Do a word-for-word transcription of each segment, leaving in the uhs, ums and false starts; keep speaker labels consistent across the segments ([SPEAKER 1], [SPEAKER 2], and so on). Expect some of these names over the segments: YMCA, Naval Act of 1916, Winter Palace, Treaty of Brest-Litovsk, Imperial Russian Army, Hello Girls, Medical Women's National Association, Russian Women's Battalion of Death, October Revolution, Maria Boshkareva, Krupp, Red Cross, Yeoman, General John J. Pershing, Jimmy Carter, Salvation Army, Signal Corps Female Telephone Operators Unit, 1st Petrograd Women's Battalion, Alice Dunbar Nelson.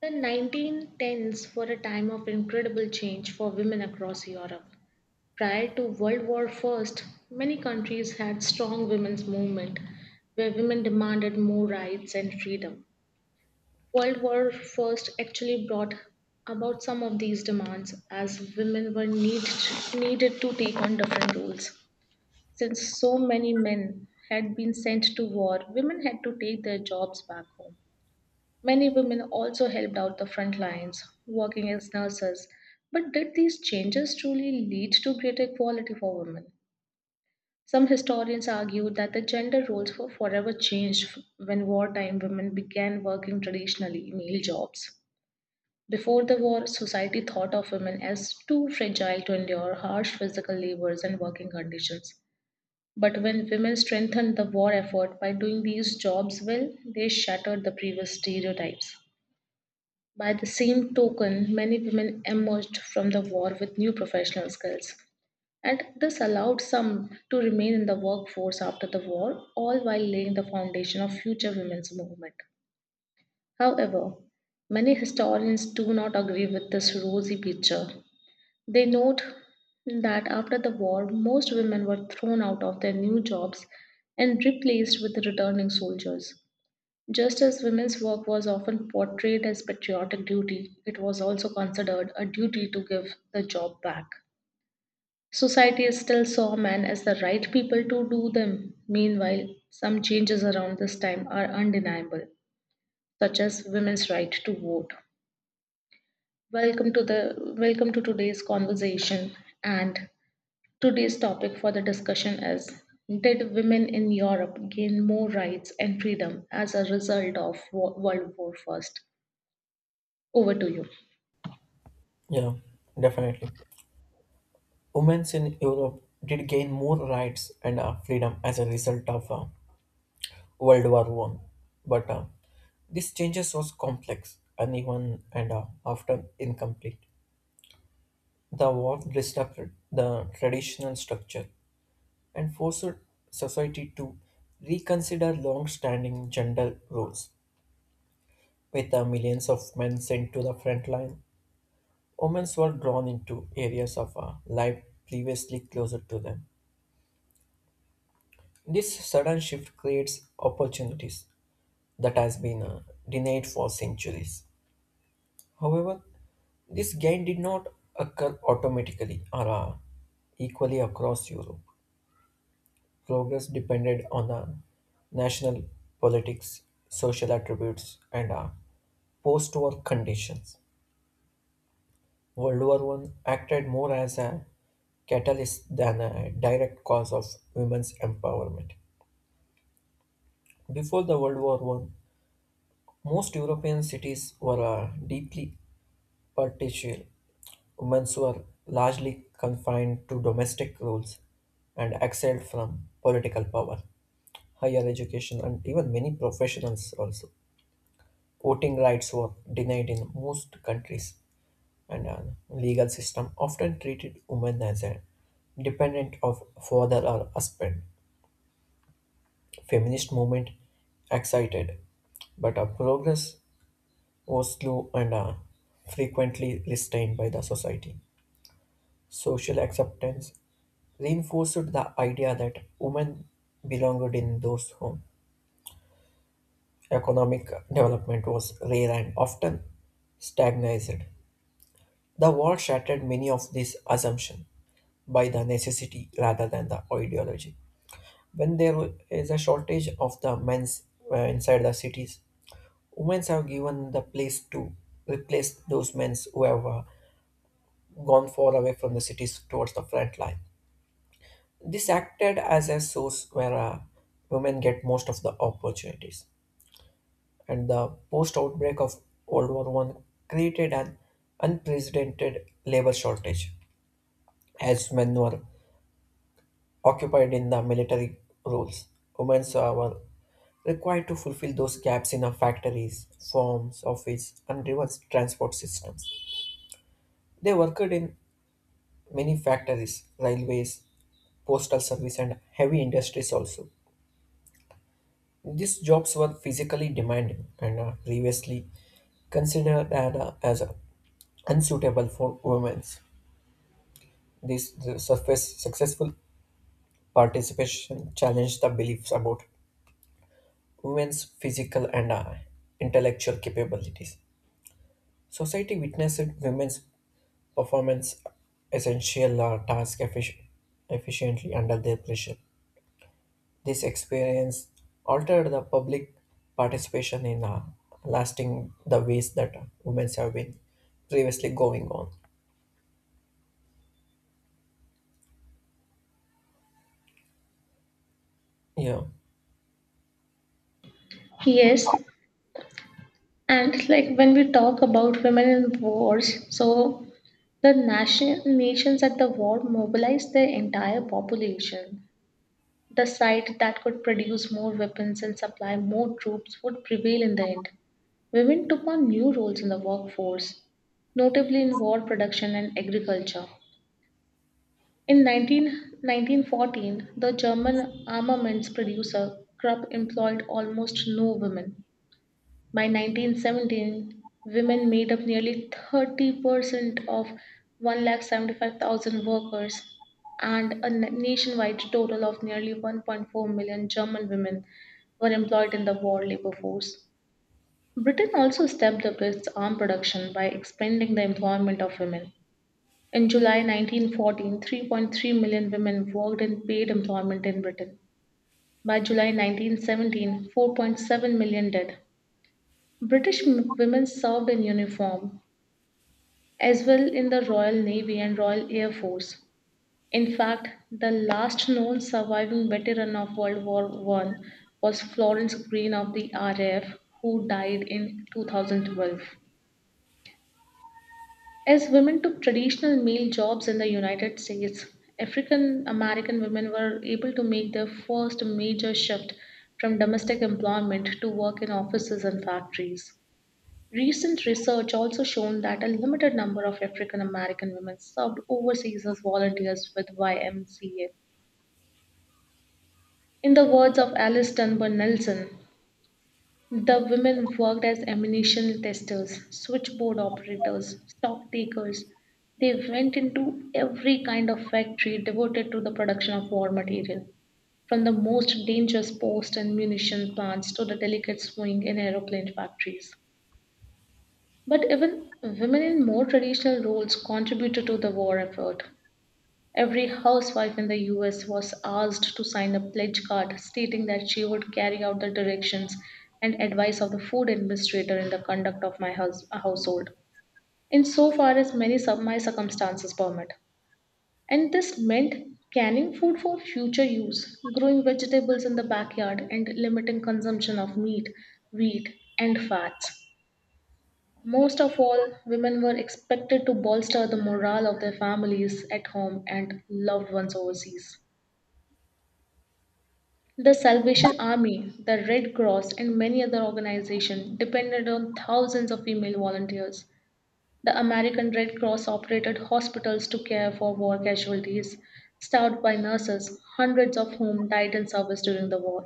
[SPEAKER 1] The nineteen tens were a time of incredible change for women across Europe. Prior to World War One, many countries had strong women's movement where women demanded more rights and freedom. World War One actually brought about some of these demands as women were need, needed to take on different roles. Since so many men had been sent to war, women had to take their jobs back home. Many women also helped out the front lines, working as nurses. But did these changes truly lead to greater equality for women? Some historians argue that the gender roles were forever changed when wartime women began working traditionally male jobs. Before the war, society thought of women as too fragile to endure harsh physical labors and working conditions. But when women strengthened the war effort by doing these jobs well, they shattered the previous stereotypes. By the same token, many women emerged from the war with new professional skills, and this allowed some to remain in the workforce after the war, all while laying the foundation of future women's movement. However, many historians do not agree with this rosy picture. They note that after the war, most women were thrown out of their new jobs and replaced with returning soldiers. Just as women's work was often portrayed as patriotic duty, it was also considered a duty to give the job back. Society still saw men as the right people to do them. Meanwhile, some changes around this time are undeniable, such as women's right to vote. Welcome to the welcome to today's conversation and today's topic for the discussion is did women in Europe gain more rights and freedom as a result of Wo- World War First? Over to you.
[SPEAKER 2] Yeah, definitely. Women in Europe did gain more rights and uh, freedom as a result of uh, World War One, but uh, this changes was complex, uneven, and uh, often incomplete. The war disrupted the traditional structure and forced society to reconsider long-standing gender roles. With uh, millions of men sent to the front line, women were drawn into areas of uh, life previously closer to them. This sudden shift creates opportunities that has been uh, denied for centuries. However, this gain did not occur automatically or uh, equally across Europe. Progress depended on uh, national politics, social attributes, and uh, post-war conditions. World War One acted more as a catalyst than a direct cause of women's empowerment. Before the World War One. Most European cities were uh, deeply patriarchal. Women were largely confined to domestic roles and excelled from political power, higher education, and even many professionals also. Voting rights were denied in most countries, and a legal system often treated women as a dependent of father or husband. Feminist movement excited, but a progress Oslo and are frequently restrained by the society. Social acceptance reinforced the idea that women belonged in those homes. Economic development was rare and often stagnated. The war shattered many of these assumptions by the necessity rather than the ideology. When there is a shortage of the men's uh, inside the cities, women have given the place to replace those men who have uh, gone far away from the cities towards the front line. This acted as a source where uh, women get most of the opportunities. And the post outbreak of World War One created an unprecedented labor shortage, as men were occupied in the military roles. Women uh, were required to fulfill those gaps in our factories, farms, office, and even transport systems. They worked in many factories, railways, postal service and heavy industries also. These jobs were physically demanding and uh, previously considered as, uh, as uh, unsuitable for women. This the surface successful participation challenged the beliefs about women's physical and uh, intellectual capabilities. Society witnessed women's performance essential uh, task effic- efficiently under their pressure. This experience altered the public participation in uh, lasting the ways that women have been previously going on. Yeah,
[SPEAKER 1] Yes, and like when we talk about women in wars, so the nation, nations at the war mobilized their entire population. The side that could produce more weapons and supply more troops would prevail in the end. Women took on new roles in the workforce, notably in war production and agriculture. In nineteen nineteen fourteen, the German armaments producer Krupp employed almost no women. By nineteen seventeen, women made up nearly thirty percent of one hundred seventy-five thousand workers and a na- nationwide total of nearly one point four million German women were employed in the war labor force. Britain also stepped up its arm production by expanding the employment of women. In July nineteen fourteen, three point three million women worked in paid employment in Britain. By July nineteen seventeen, four point seven million did. British m- women served in uniform as well in the Royal Navy and Royal Air Force. In fact, the last known surviving veteran of World War One was Florence Green of the R A F, who died in two thousand twelve. As women took traditional male jobs in the United States, African American women were able to make their first major shift from domestic employment to work in offices and factories. Recent research also shown that a limited number of African American women served overseas as volunteers with Y M C A. In the words of Alice Dunbar Nelson, the women worked as ammunition testers, switchboard operators, stock takers. They went into every kind of factory devoted to the production of war material, from the most dangerous post and munition plants to the delicate swing in aeroplane factories. But even women in more traditional roles contributed to the war effort. Every housewife in the U S was asked to sign a pledge card stating that she would carry out the directions and advice of the food administrator in the conduct of my hous- household, in so far as many of my circumstances permit. And this meant canning food for future use, growing vegetables in the backyard, and limiting consumption of meat, wheat, and fats. Most of all, women were expected to bolster the morale of their families at home and loved ones overseas. The Salvation Army, the Red Cross, and many other organizations depended on thousands of female volunteers. The American Red Cross operated hospitals to care for war casualties, staffed by nurses, hundreds of whom died in service during the war.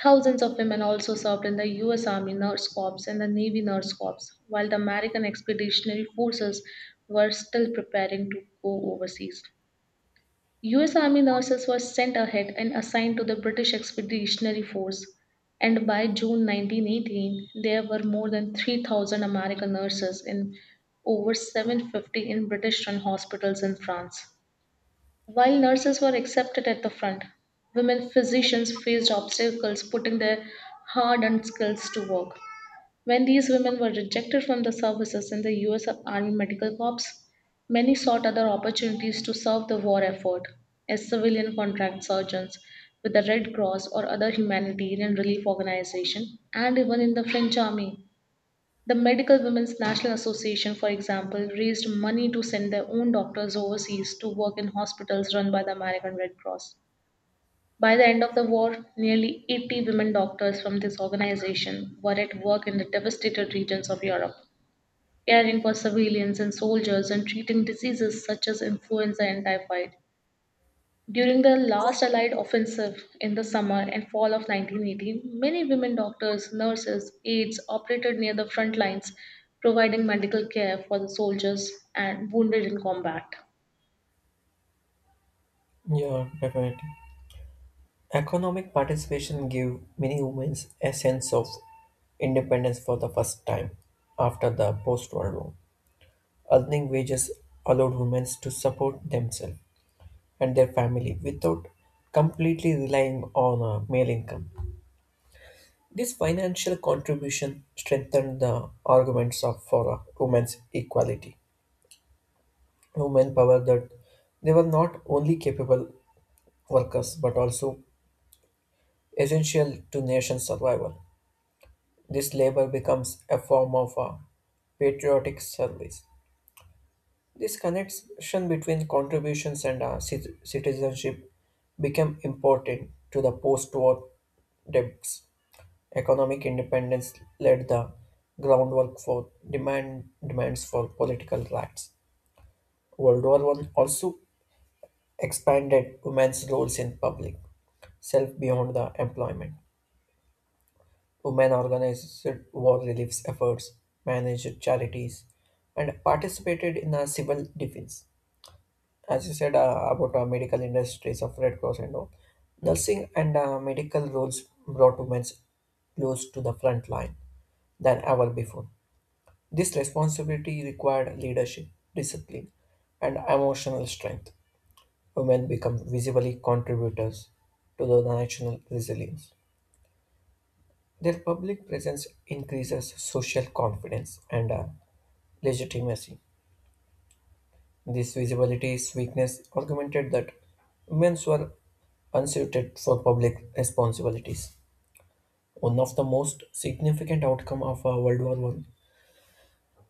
[SPEAKER 1] Thousands of women also served in the U S Army Nurse Corps and the Navy Nurse Corps, while the American Expeditionary Forces were still preparing to go overseas. U S Army nurses were sent ahead and assigned to the British Expeditionary Force, and by June nineteen eighteen, there were more than three thousand American nurses and over seven hundred fifty in British run hospitals in France. While nurses were accepted at the front, women physicians faced obstacles putting their hard earned skills to work. When these women were rejected from the services in the U S Army Medical Corps, many sought other opportunities to serve the war effort as civilian contract surgeons with the Red Cross or other humanitarian relief organization and even in the French army. The Medical Women's National Association, for example, raised money to send their own doctors overseas to work in hospitals run by the American Red Cross. By the end of the war, nearly eighty women doctors from this organization were at work in the devastated regions of Europe, caring for civilians and soldiers and treating diseases such as influenza and typhoid. During the last Allied offensive in the summer and fall of nineteen eighteen, many women doctors, nurses, aides operated near the front lines, providing medical care for the soldiers and wounded in combat.
[SPEAKER 2] yeah, definitely. Economic participation gave many women a sense of independence for the first time after the post-war war. Earning wages allowed women to support themselves and their family without completely relying on a male income. This financial contribution strengthened the arguments of for uh, women's equality. Women power that they were not only capable workers but also essential to nation's survival. This labor becomes a form of uh, patriotic service. This connection between contributions and uh, cit- citizenship became important to the post-war debts. Economic independence laid the groundwork for demand, demands for political rights. World War One also expanded women's roles in public self beyond the employment. Women organized war relief efforts, managed charities, and participated in the civil defense. As you said uh, about uh, medical industries of Red Cross and all, nursing and uh, medical roles brought women close to the front line than ever before. This responsibility required leadership, discipline, and emotional strength. Women become visibly contributors to the national resilience. Their public presence increases social confidence and uh, legitimacy. This visibility's weakness argumented that women were unsuited for public responsibilities. One of the most significant outcome of uh, World War One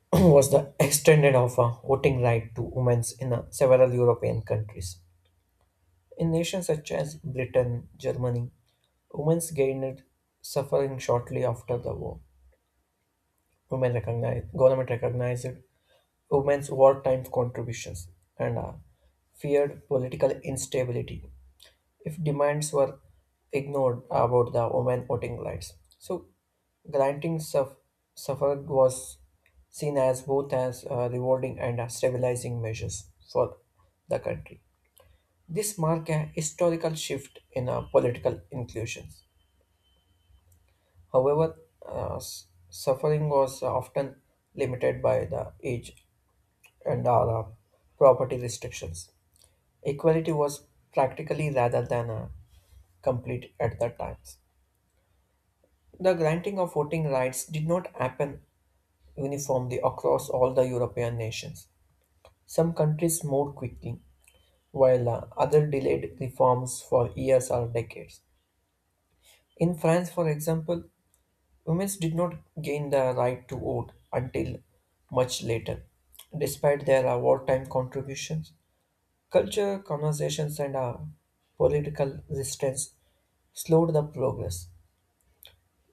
[SPEAKER 2] was the extended of a voting right to women in uh, several European countries. In nations such as Britain, Germany, women's gained suffering shortly after the war. Women recognized, government recognized women's wartime contributions and uh, feared political instability if demands were ignored about the women voting rights. So, granting suff- suffrage was seen as both as uh, rewarding and uh, stabilizing measures for the country. This marked a historical shift in uh, political inclusions. However, uh, s- suffering was often limited by the age and uh, property restrictions. Equality was practically rather than uh, complete at that time. The granting of voting rights did not happen uniformly across all the European nations. Some countries moved quickly, while uh, others delayed reforms for years or decades. In France, for example, women did not gain the right to vote until much later. Despite their uh, wartime contributions, culture, conversations, and uh, political resistance slowed the progress.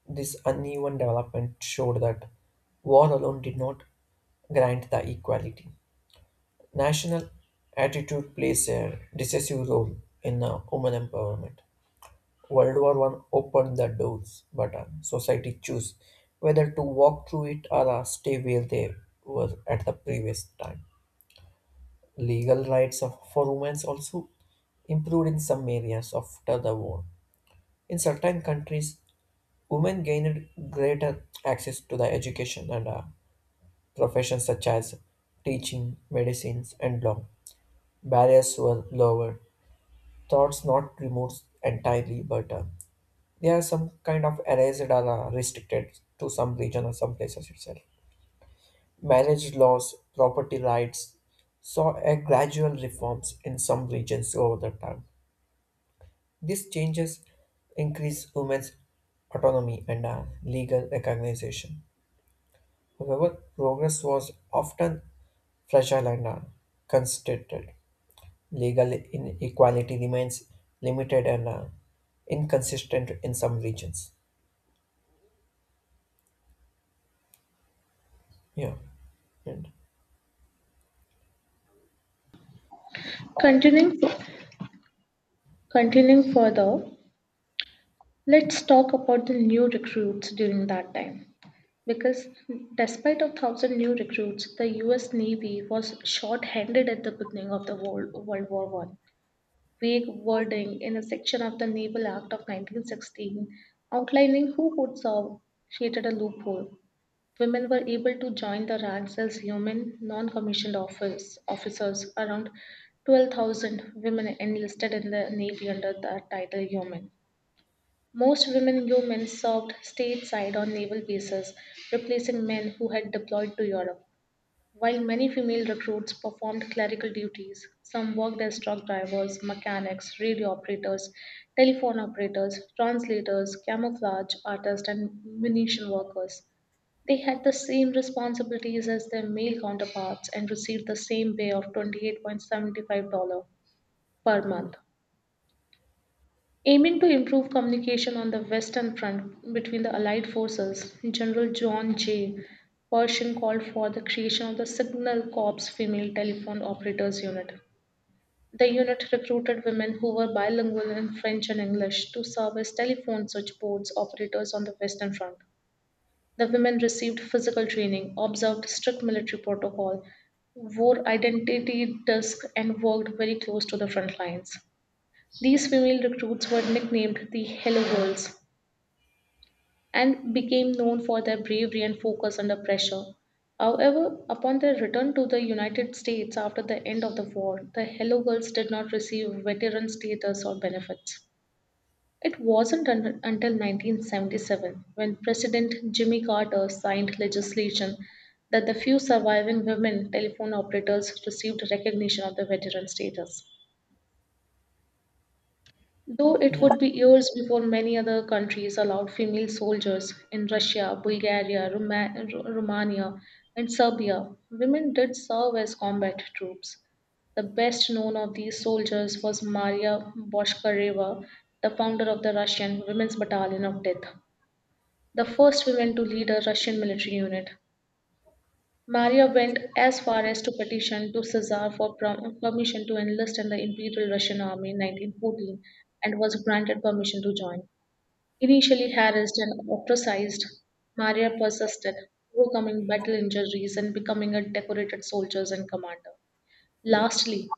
[SPEAKER 2] This uneven development showed that war alone did not grant the equality. National attitude plays a decisive role in uh, women empowerment. World War One opened the doors, but uh, society chose whether to walk through it or uh, stay where they were at the previous time. Legal rights of, for women also improved in some areas after the war. In certain countries, women gained greater access to the education and uh, professions such as teaching, medicines, and law. Barriers were lowered, thoughts not removed entirely, but uh, they are some kind of arrays that are uh, restricted to some region or some places itself. Marriage laws, property rights saw a gradual reforms in some regions over the time. These changes increase women's autonomy and uh, legal recognition. However, progress was often fragile and uh, constricted. Legal inequality remains limited and uh, inconsistent in some regions. Yeah. And,
[SPEAKER 1] Continuing, continuing further, let's talk about the new recruits during that time. Because despite of thousand new recruits, the U S. Navy was short-handed at the beginning of the World, World War One. Vague wording in a section of the Naval Act of nineteen sixteen outlining who could serve created a loophole. Women were able to join the ranks as human non-commissioned office officers. Around twelve thousand women enlisted in the Navy under the title Yeoman. Most women Yeomen served stateside on naval bases, replacing men who had deployed to Europe. While many female recruits performed clerical duties, some worked as truck drivers, mechanics, radio operators, telephone operators, translators, camouflage artists, and munition workers. They had the same responsibilities as their male counterparts and received the same pay of twenty-eight dollars and seventy-five cents per month. Aiming to improve communication on the Western Front between the Allied forces, General John J. Pershing called for the creation of the Signal Corps Female Telephone Operators Unit. The unit recruited women who were bilingual in French and English to serve as telephone switchboards operators on the Western Front. The women received physical training, observed strict military protocol, wore identity discs, and worked very close to the front lines. These female recruits were nicknamed the Hello Girls and became known for their bravery and focus under pressure. However, upon their return to the United States after the end of the war, the Hello Girls did not receive veteran status or benefits. It wasn't un- until nineteen seventy-seven, when President Jimmy Carter signed legislation, that the few surviving women telephone operators received recognition of the veteran status. Though it
[SPEAKER 2] yeah.
[SPEAKER 1] would be years before many other countries allowed female soldiers, in Russia, Bulgaria, Roma- Ru- Romania, and Serbia, women did serve as combat troops. The best known of these soldiers was Maria Boshkareva, the founder of the Russian Women's Battalion of Death, the first woman to lead a Russian military unit. Maria went as far as to petition to Caesar for prom- permission to enlist in the Imperial Russian Army in nineteen fourteen and was granted permission to join. Initially harassed and ostracized, Maria persisted, overcoming battle injuries and becoming a decorated soldier and commander. Lastly,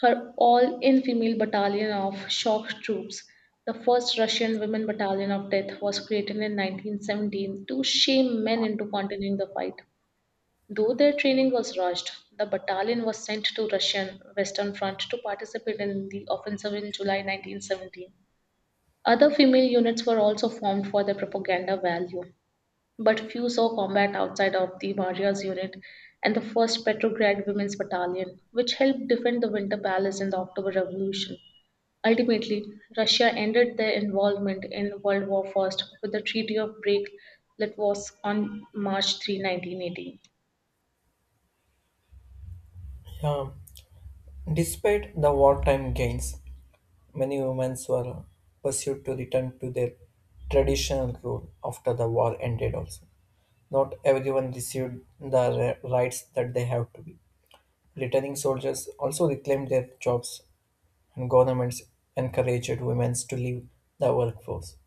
[SPEAKER 1] her all in female battalion of shock troops, the first Russian women battalion of death, was created in nineteen seventeen to shame men into continuing the fight. Though their training was rushed, the battalion was sent to Russian Western Front to participate in the offensive in July nineteen seventeen. Other female units were also formed for their propaganda value, but few saw combat outside of the Maria's unit and the first Petrograd Women's Battalion, which helped defend the Winter Palace in the October Revolution. Ultimately, Russia ended their involvement in World War One with the Treaty of Brest-Litovsk on March third, nineteen eighteen.
[SPEAKER 2] Yeah. Despite the wartime gains, many women were pursued to return to their traditional role after the war ended also. Not everyone received the ri- rights that they have to be. Returning soldiers also reclaimed their jobs and governments encouraged women to leave the workforce.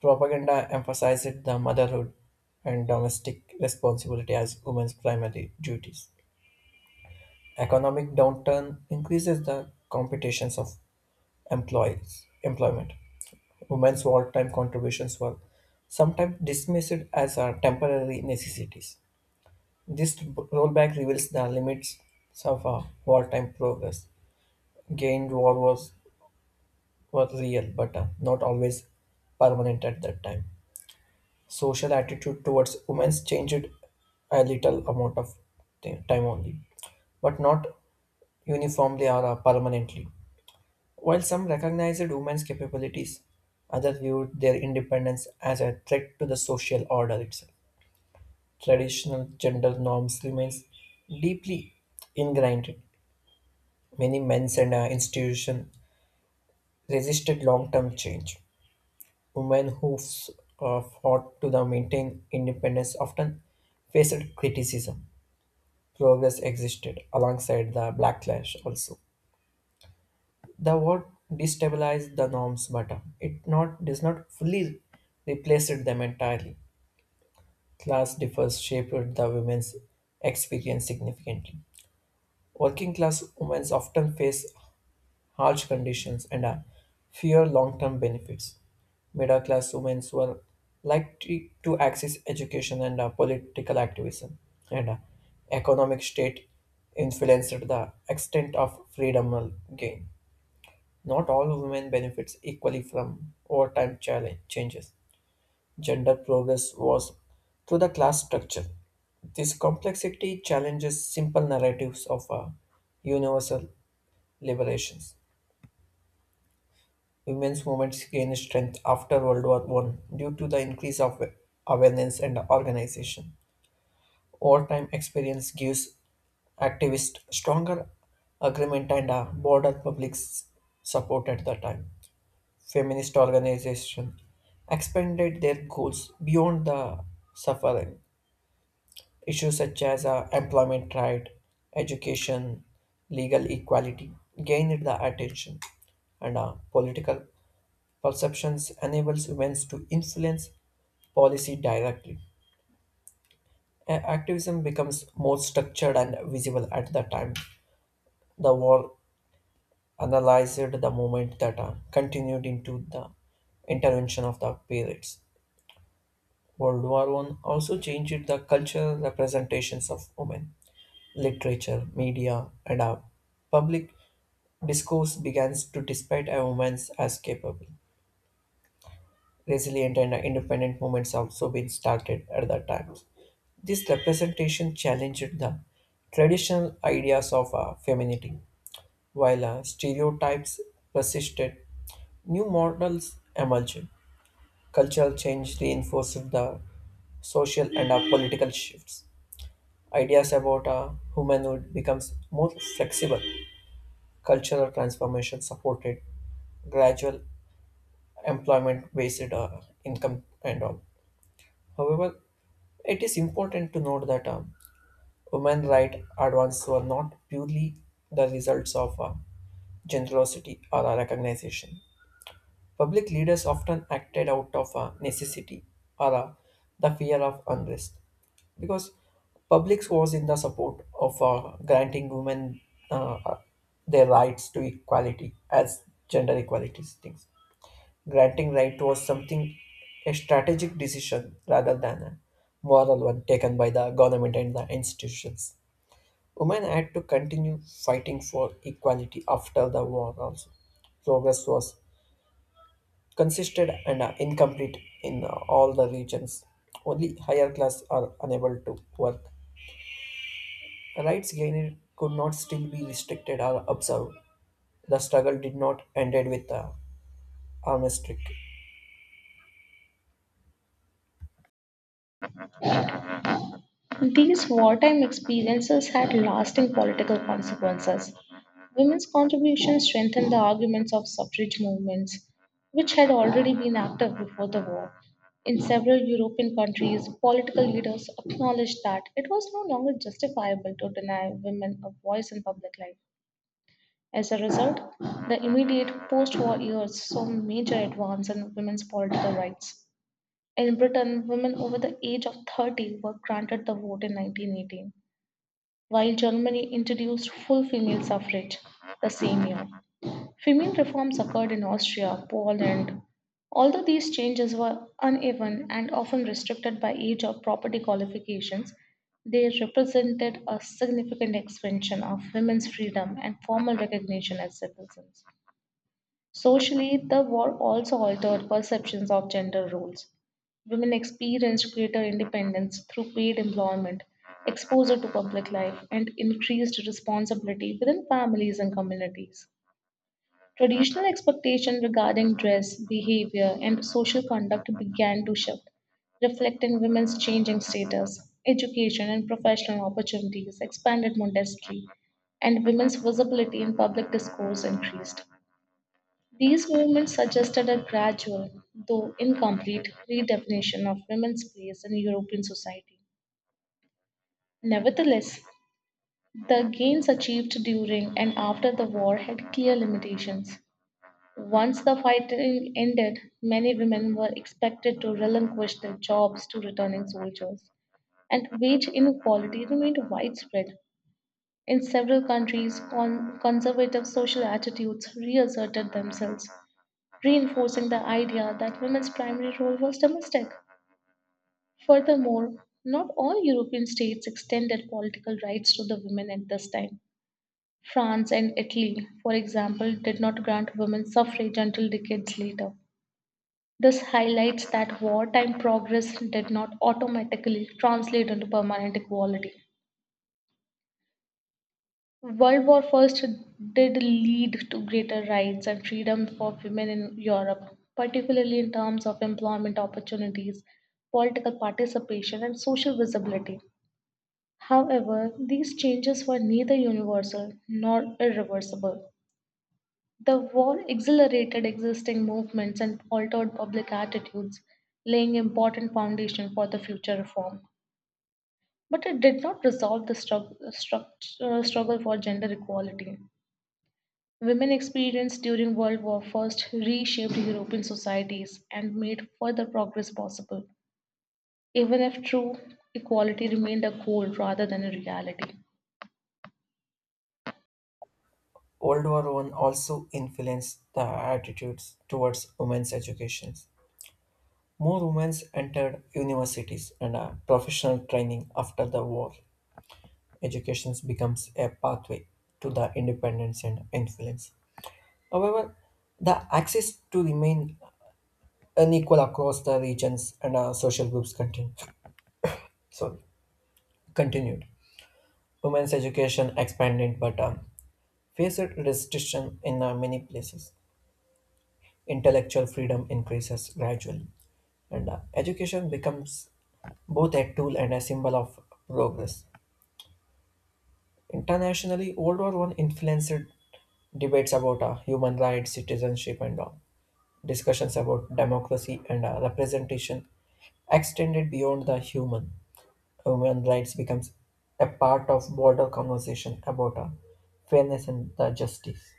[SPEAKER 2] Propaganda emphasized the motherhood and domestic responsibility as women's primary duties. Economic downturn increases the competitions of employees employment. Women's wartime contributions were sometimes dismissed as uh, temporary necessities. This rollback reveals the limits of uh, wartime progress. Gained war was, were real, but uh, not always permanent at that time. Social attitude towards women's changed a little amount of ti- time only, but not uniformly or uh, permanently. While some recognized women's capabilities, others viewed their independence as a threat to the social order itself. Traditional gender norms remains deeply ingrained. Many men and uh, institutions resisted long-term change. Women who f- uh, fought to the maintain independence often faced criticism. Progress existed alongside the backlash also. The word destabilize the norms but uh, it not does not fully replace it them entirely. Class differs shaped the women's experience significantly. Working class women often face harsh conditions and uh, fear long term benefits. Middle class women were likely to access education and uh, political activism, and uh, economic state influenced the extent of freedom gain. Not all women benefits equally from overtime challenge changes. Gender progress was through the class structure. This complexity challenges simple narratives of uh, universal liberations. Women's movements gained strength after World War One due to the increase of awareness and organization. Wartime experience gives activists stronger agreement and a broader public s- support at the time. Feminist organizations expanded their goals beyond the suffering issues such as uh, employment right, education, legal equality gained the attention, and uh, political perceptions enables women to influence policy directly. A- Activism becomes more structured and visible at the time. The war analyzed the movement that uh, continued into the intervention of the periods. World War One also changed the cultural representations of women. Literature, media, and our public discourse began to despite a women as capable. Resilient and independent movements also been started at that time. This representation challenged the traditional ideas of uh, femininity, while uh, stereotypes persisted. New models emerged. Cultural change reinforced the social and uh, political shifts. Ideas about a womanhood becomes more flexible. Cultural transformation supported gradual employment-based uh, income and all. However, it is important to note that um, women right advances were not purely the results of uh, generosity or uh, recognition. Public leaders often acted out of uh, necessity or uh, the fear of unrest. Because public was in the support of uh, granting women uh, uh, their rights to equality as gender equalities things. Granting right was something a strategic decision rather than a moral one taken by the government and the institutions. Women had to continue fighting for equality after the war also. Progress was consisted and uh, incomplete in uh, all the regions. Only higher class are unable to work. Rights gained could not still be restricted or observed. The struggle did not end with the armistice.
[SPEAKER 1] These wartime experiences had lasting political consequences. Women's contributions strengthened the arguments of suffrage movements, which had already been active before the war. In several European countries, political leaders acknowledged that it was no longer justifiable to deny women a voice in public life. As a result, the immediate post war years saw major advance in women's political rights. In Britain, women over the age of thirty were granted the vote in nineteen eighteen while Germany introduced full female suffrage the same year. Female reforms occurred in Austria, Poland. Although these changes were uneven and often restricted by age or property qualifications, they represented a significant expansion of women's freedom and formal recognition as citizens. Socially, the war also altered perceptions of gender roles. Women experienced greater independence through paid employment, exposure to public life, and increased responsibility within families and communities. Traditional expectations regarding dress, behavior, and social conduct began to shift, reflecting women's changing status. Education and professional opportunities expanded modestly, and women's visibility in public discourse increased. These movements suggested a gradual, though incomplete, redefinition of women's place in European society. Nevertheless, the gains achieved during and after the war had clear limitations. Once the fighting ended, many women were expected to relinquish their jobs to returning soldiers, and wage inequality remained widespread. In several countries, con- conservative social attitudes reasserted themselves, reinforcing the idea that women's primary role was domestic. Furthermore, not all European states extended political rights to the women at this time. France and Italy, for example, did not grant women suffrage until decades later. This highlights that wartime progress did not automatically translate into permanent equality. World War First did lead to greater rights and freedom for women in Europe, particularly in terms of employment opportunities, political participation, and social visibility. However, these changes were neither universal nor irreversible. The war accelerated existing movements and altered public attitudes, laying important foundation for the future reform. But it did not resolve the strugg- struct- uh, struggle for gender equality. Women experience during World War First reshaped European societies and made further progress possible, even if true equality remained a goal rather than a reality.
[SPEAKER 2] World War One also influenced the attitudes towards women's education. More women entered universities and uh, professional training after the war. Education becomes a pathway to the independence and influence. However, the access to remain unequal across the regions and uh, social groups continued. Sorry, continued. Women's education expanded but um, faced restriction in uh, many places. Intellectual freedom increases gradually, and uh, education becomes both a tool and a symbol of progress. Internationally, World War One influenced debates about uh, human rights, citizenship, and all. Discussions about democracy and uh, representation extended beyond the human. Human rights becomes a part of broader conversation about uh, fairness and the justice.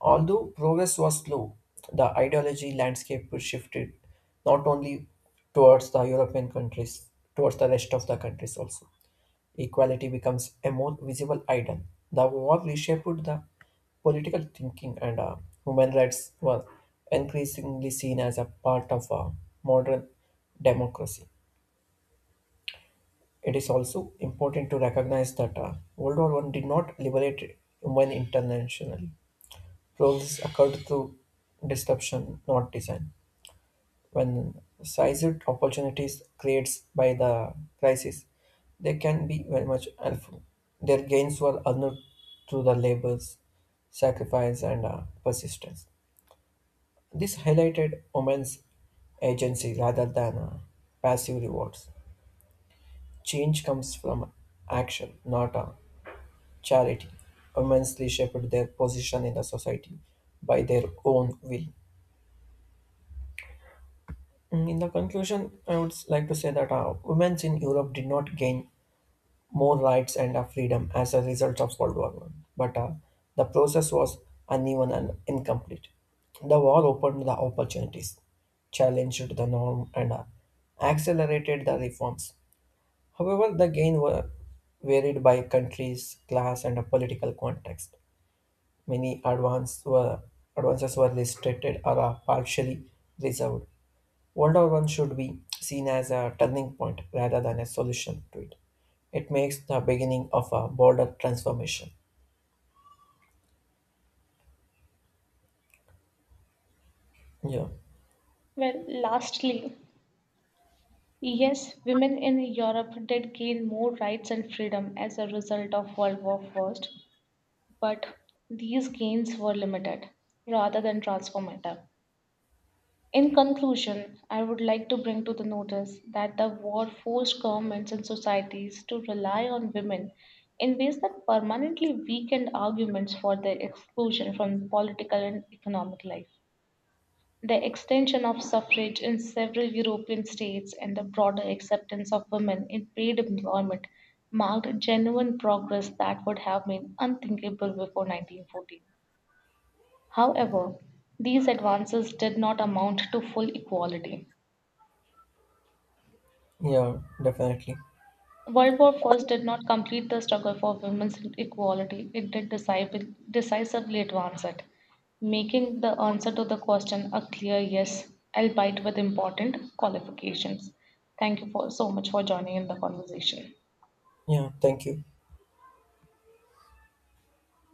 [SPEAKER 2] Although progress was slow, the ideology landscape shifted not only towards the European countries, towards the rest of the countries also. Equality becomes a more visible ideal. The war reshaped the political thinking, and uh, human rights were increasingly seen as a part of uh, modern democracy. It is also important to recognize that uh, World War One did not liberate women internationally. Growth occurred through disruption, not design. When seized opportunities created by the crisis, they can be very much helpful. Their gains were earned through the labors, sacrifice, and uh, persistence. This highlighted women's agency rather than uh, passive rewards. Change comes from action, not uh, charity. Women shaped their position in the society by their own will. Mm, In the conclusion, I would like to say that uh, women in Europe did not gain more rights and uh, freedom as a result of World War One, but uh, the process was uneven and incomplete. The war opened the opportunities, challenged the norm, and uh, accelerated the reforms. However, the gain were varied by countries, class, and a political context. Many advance were, advances were restricted or uh, partially reserved. World War One should be seen as a turning point rather than a solution to it. It makes the beginning of a broader transformation. Yeah,
[SPEAKER 1] Well, lastly, yes, women in Europe did gain more rights and freedom as a result of World War First, but these gains were limited rather than transformative. In conclusion, I would like to bring to the notice that the war forced governments and societies to rely on women in ways that permanently weakened arguments for their exclusion from political and economic life. The extension of suffrage in several European states and the broader acceptance of women in paid employment marked genuine progress that would have been unthinkable before nineteen fourteen. However, these advances did not amount to full equality.
[SPEAKER 2] yeah, definitely.
[SPEAKER 1] World War One did not complete the struggle for women's equality, it did decisive, decisively advance it, making the answer to the question a clear yes, albeit with important qualifications. Thank you for so much for joining in the conversation.
[SPEAKER 2] Yeah, thank you.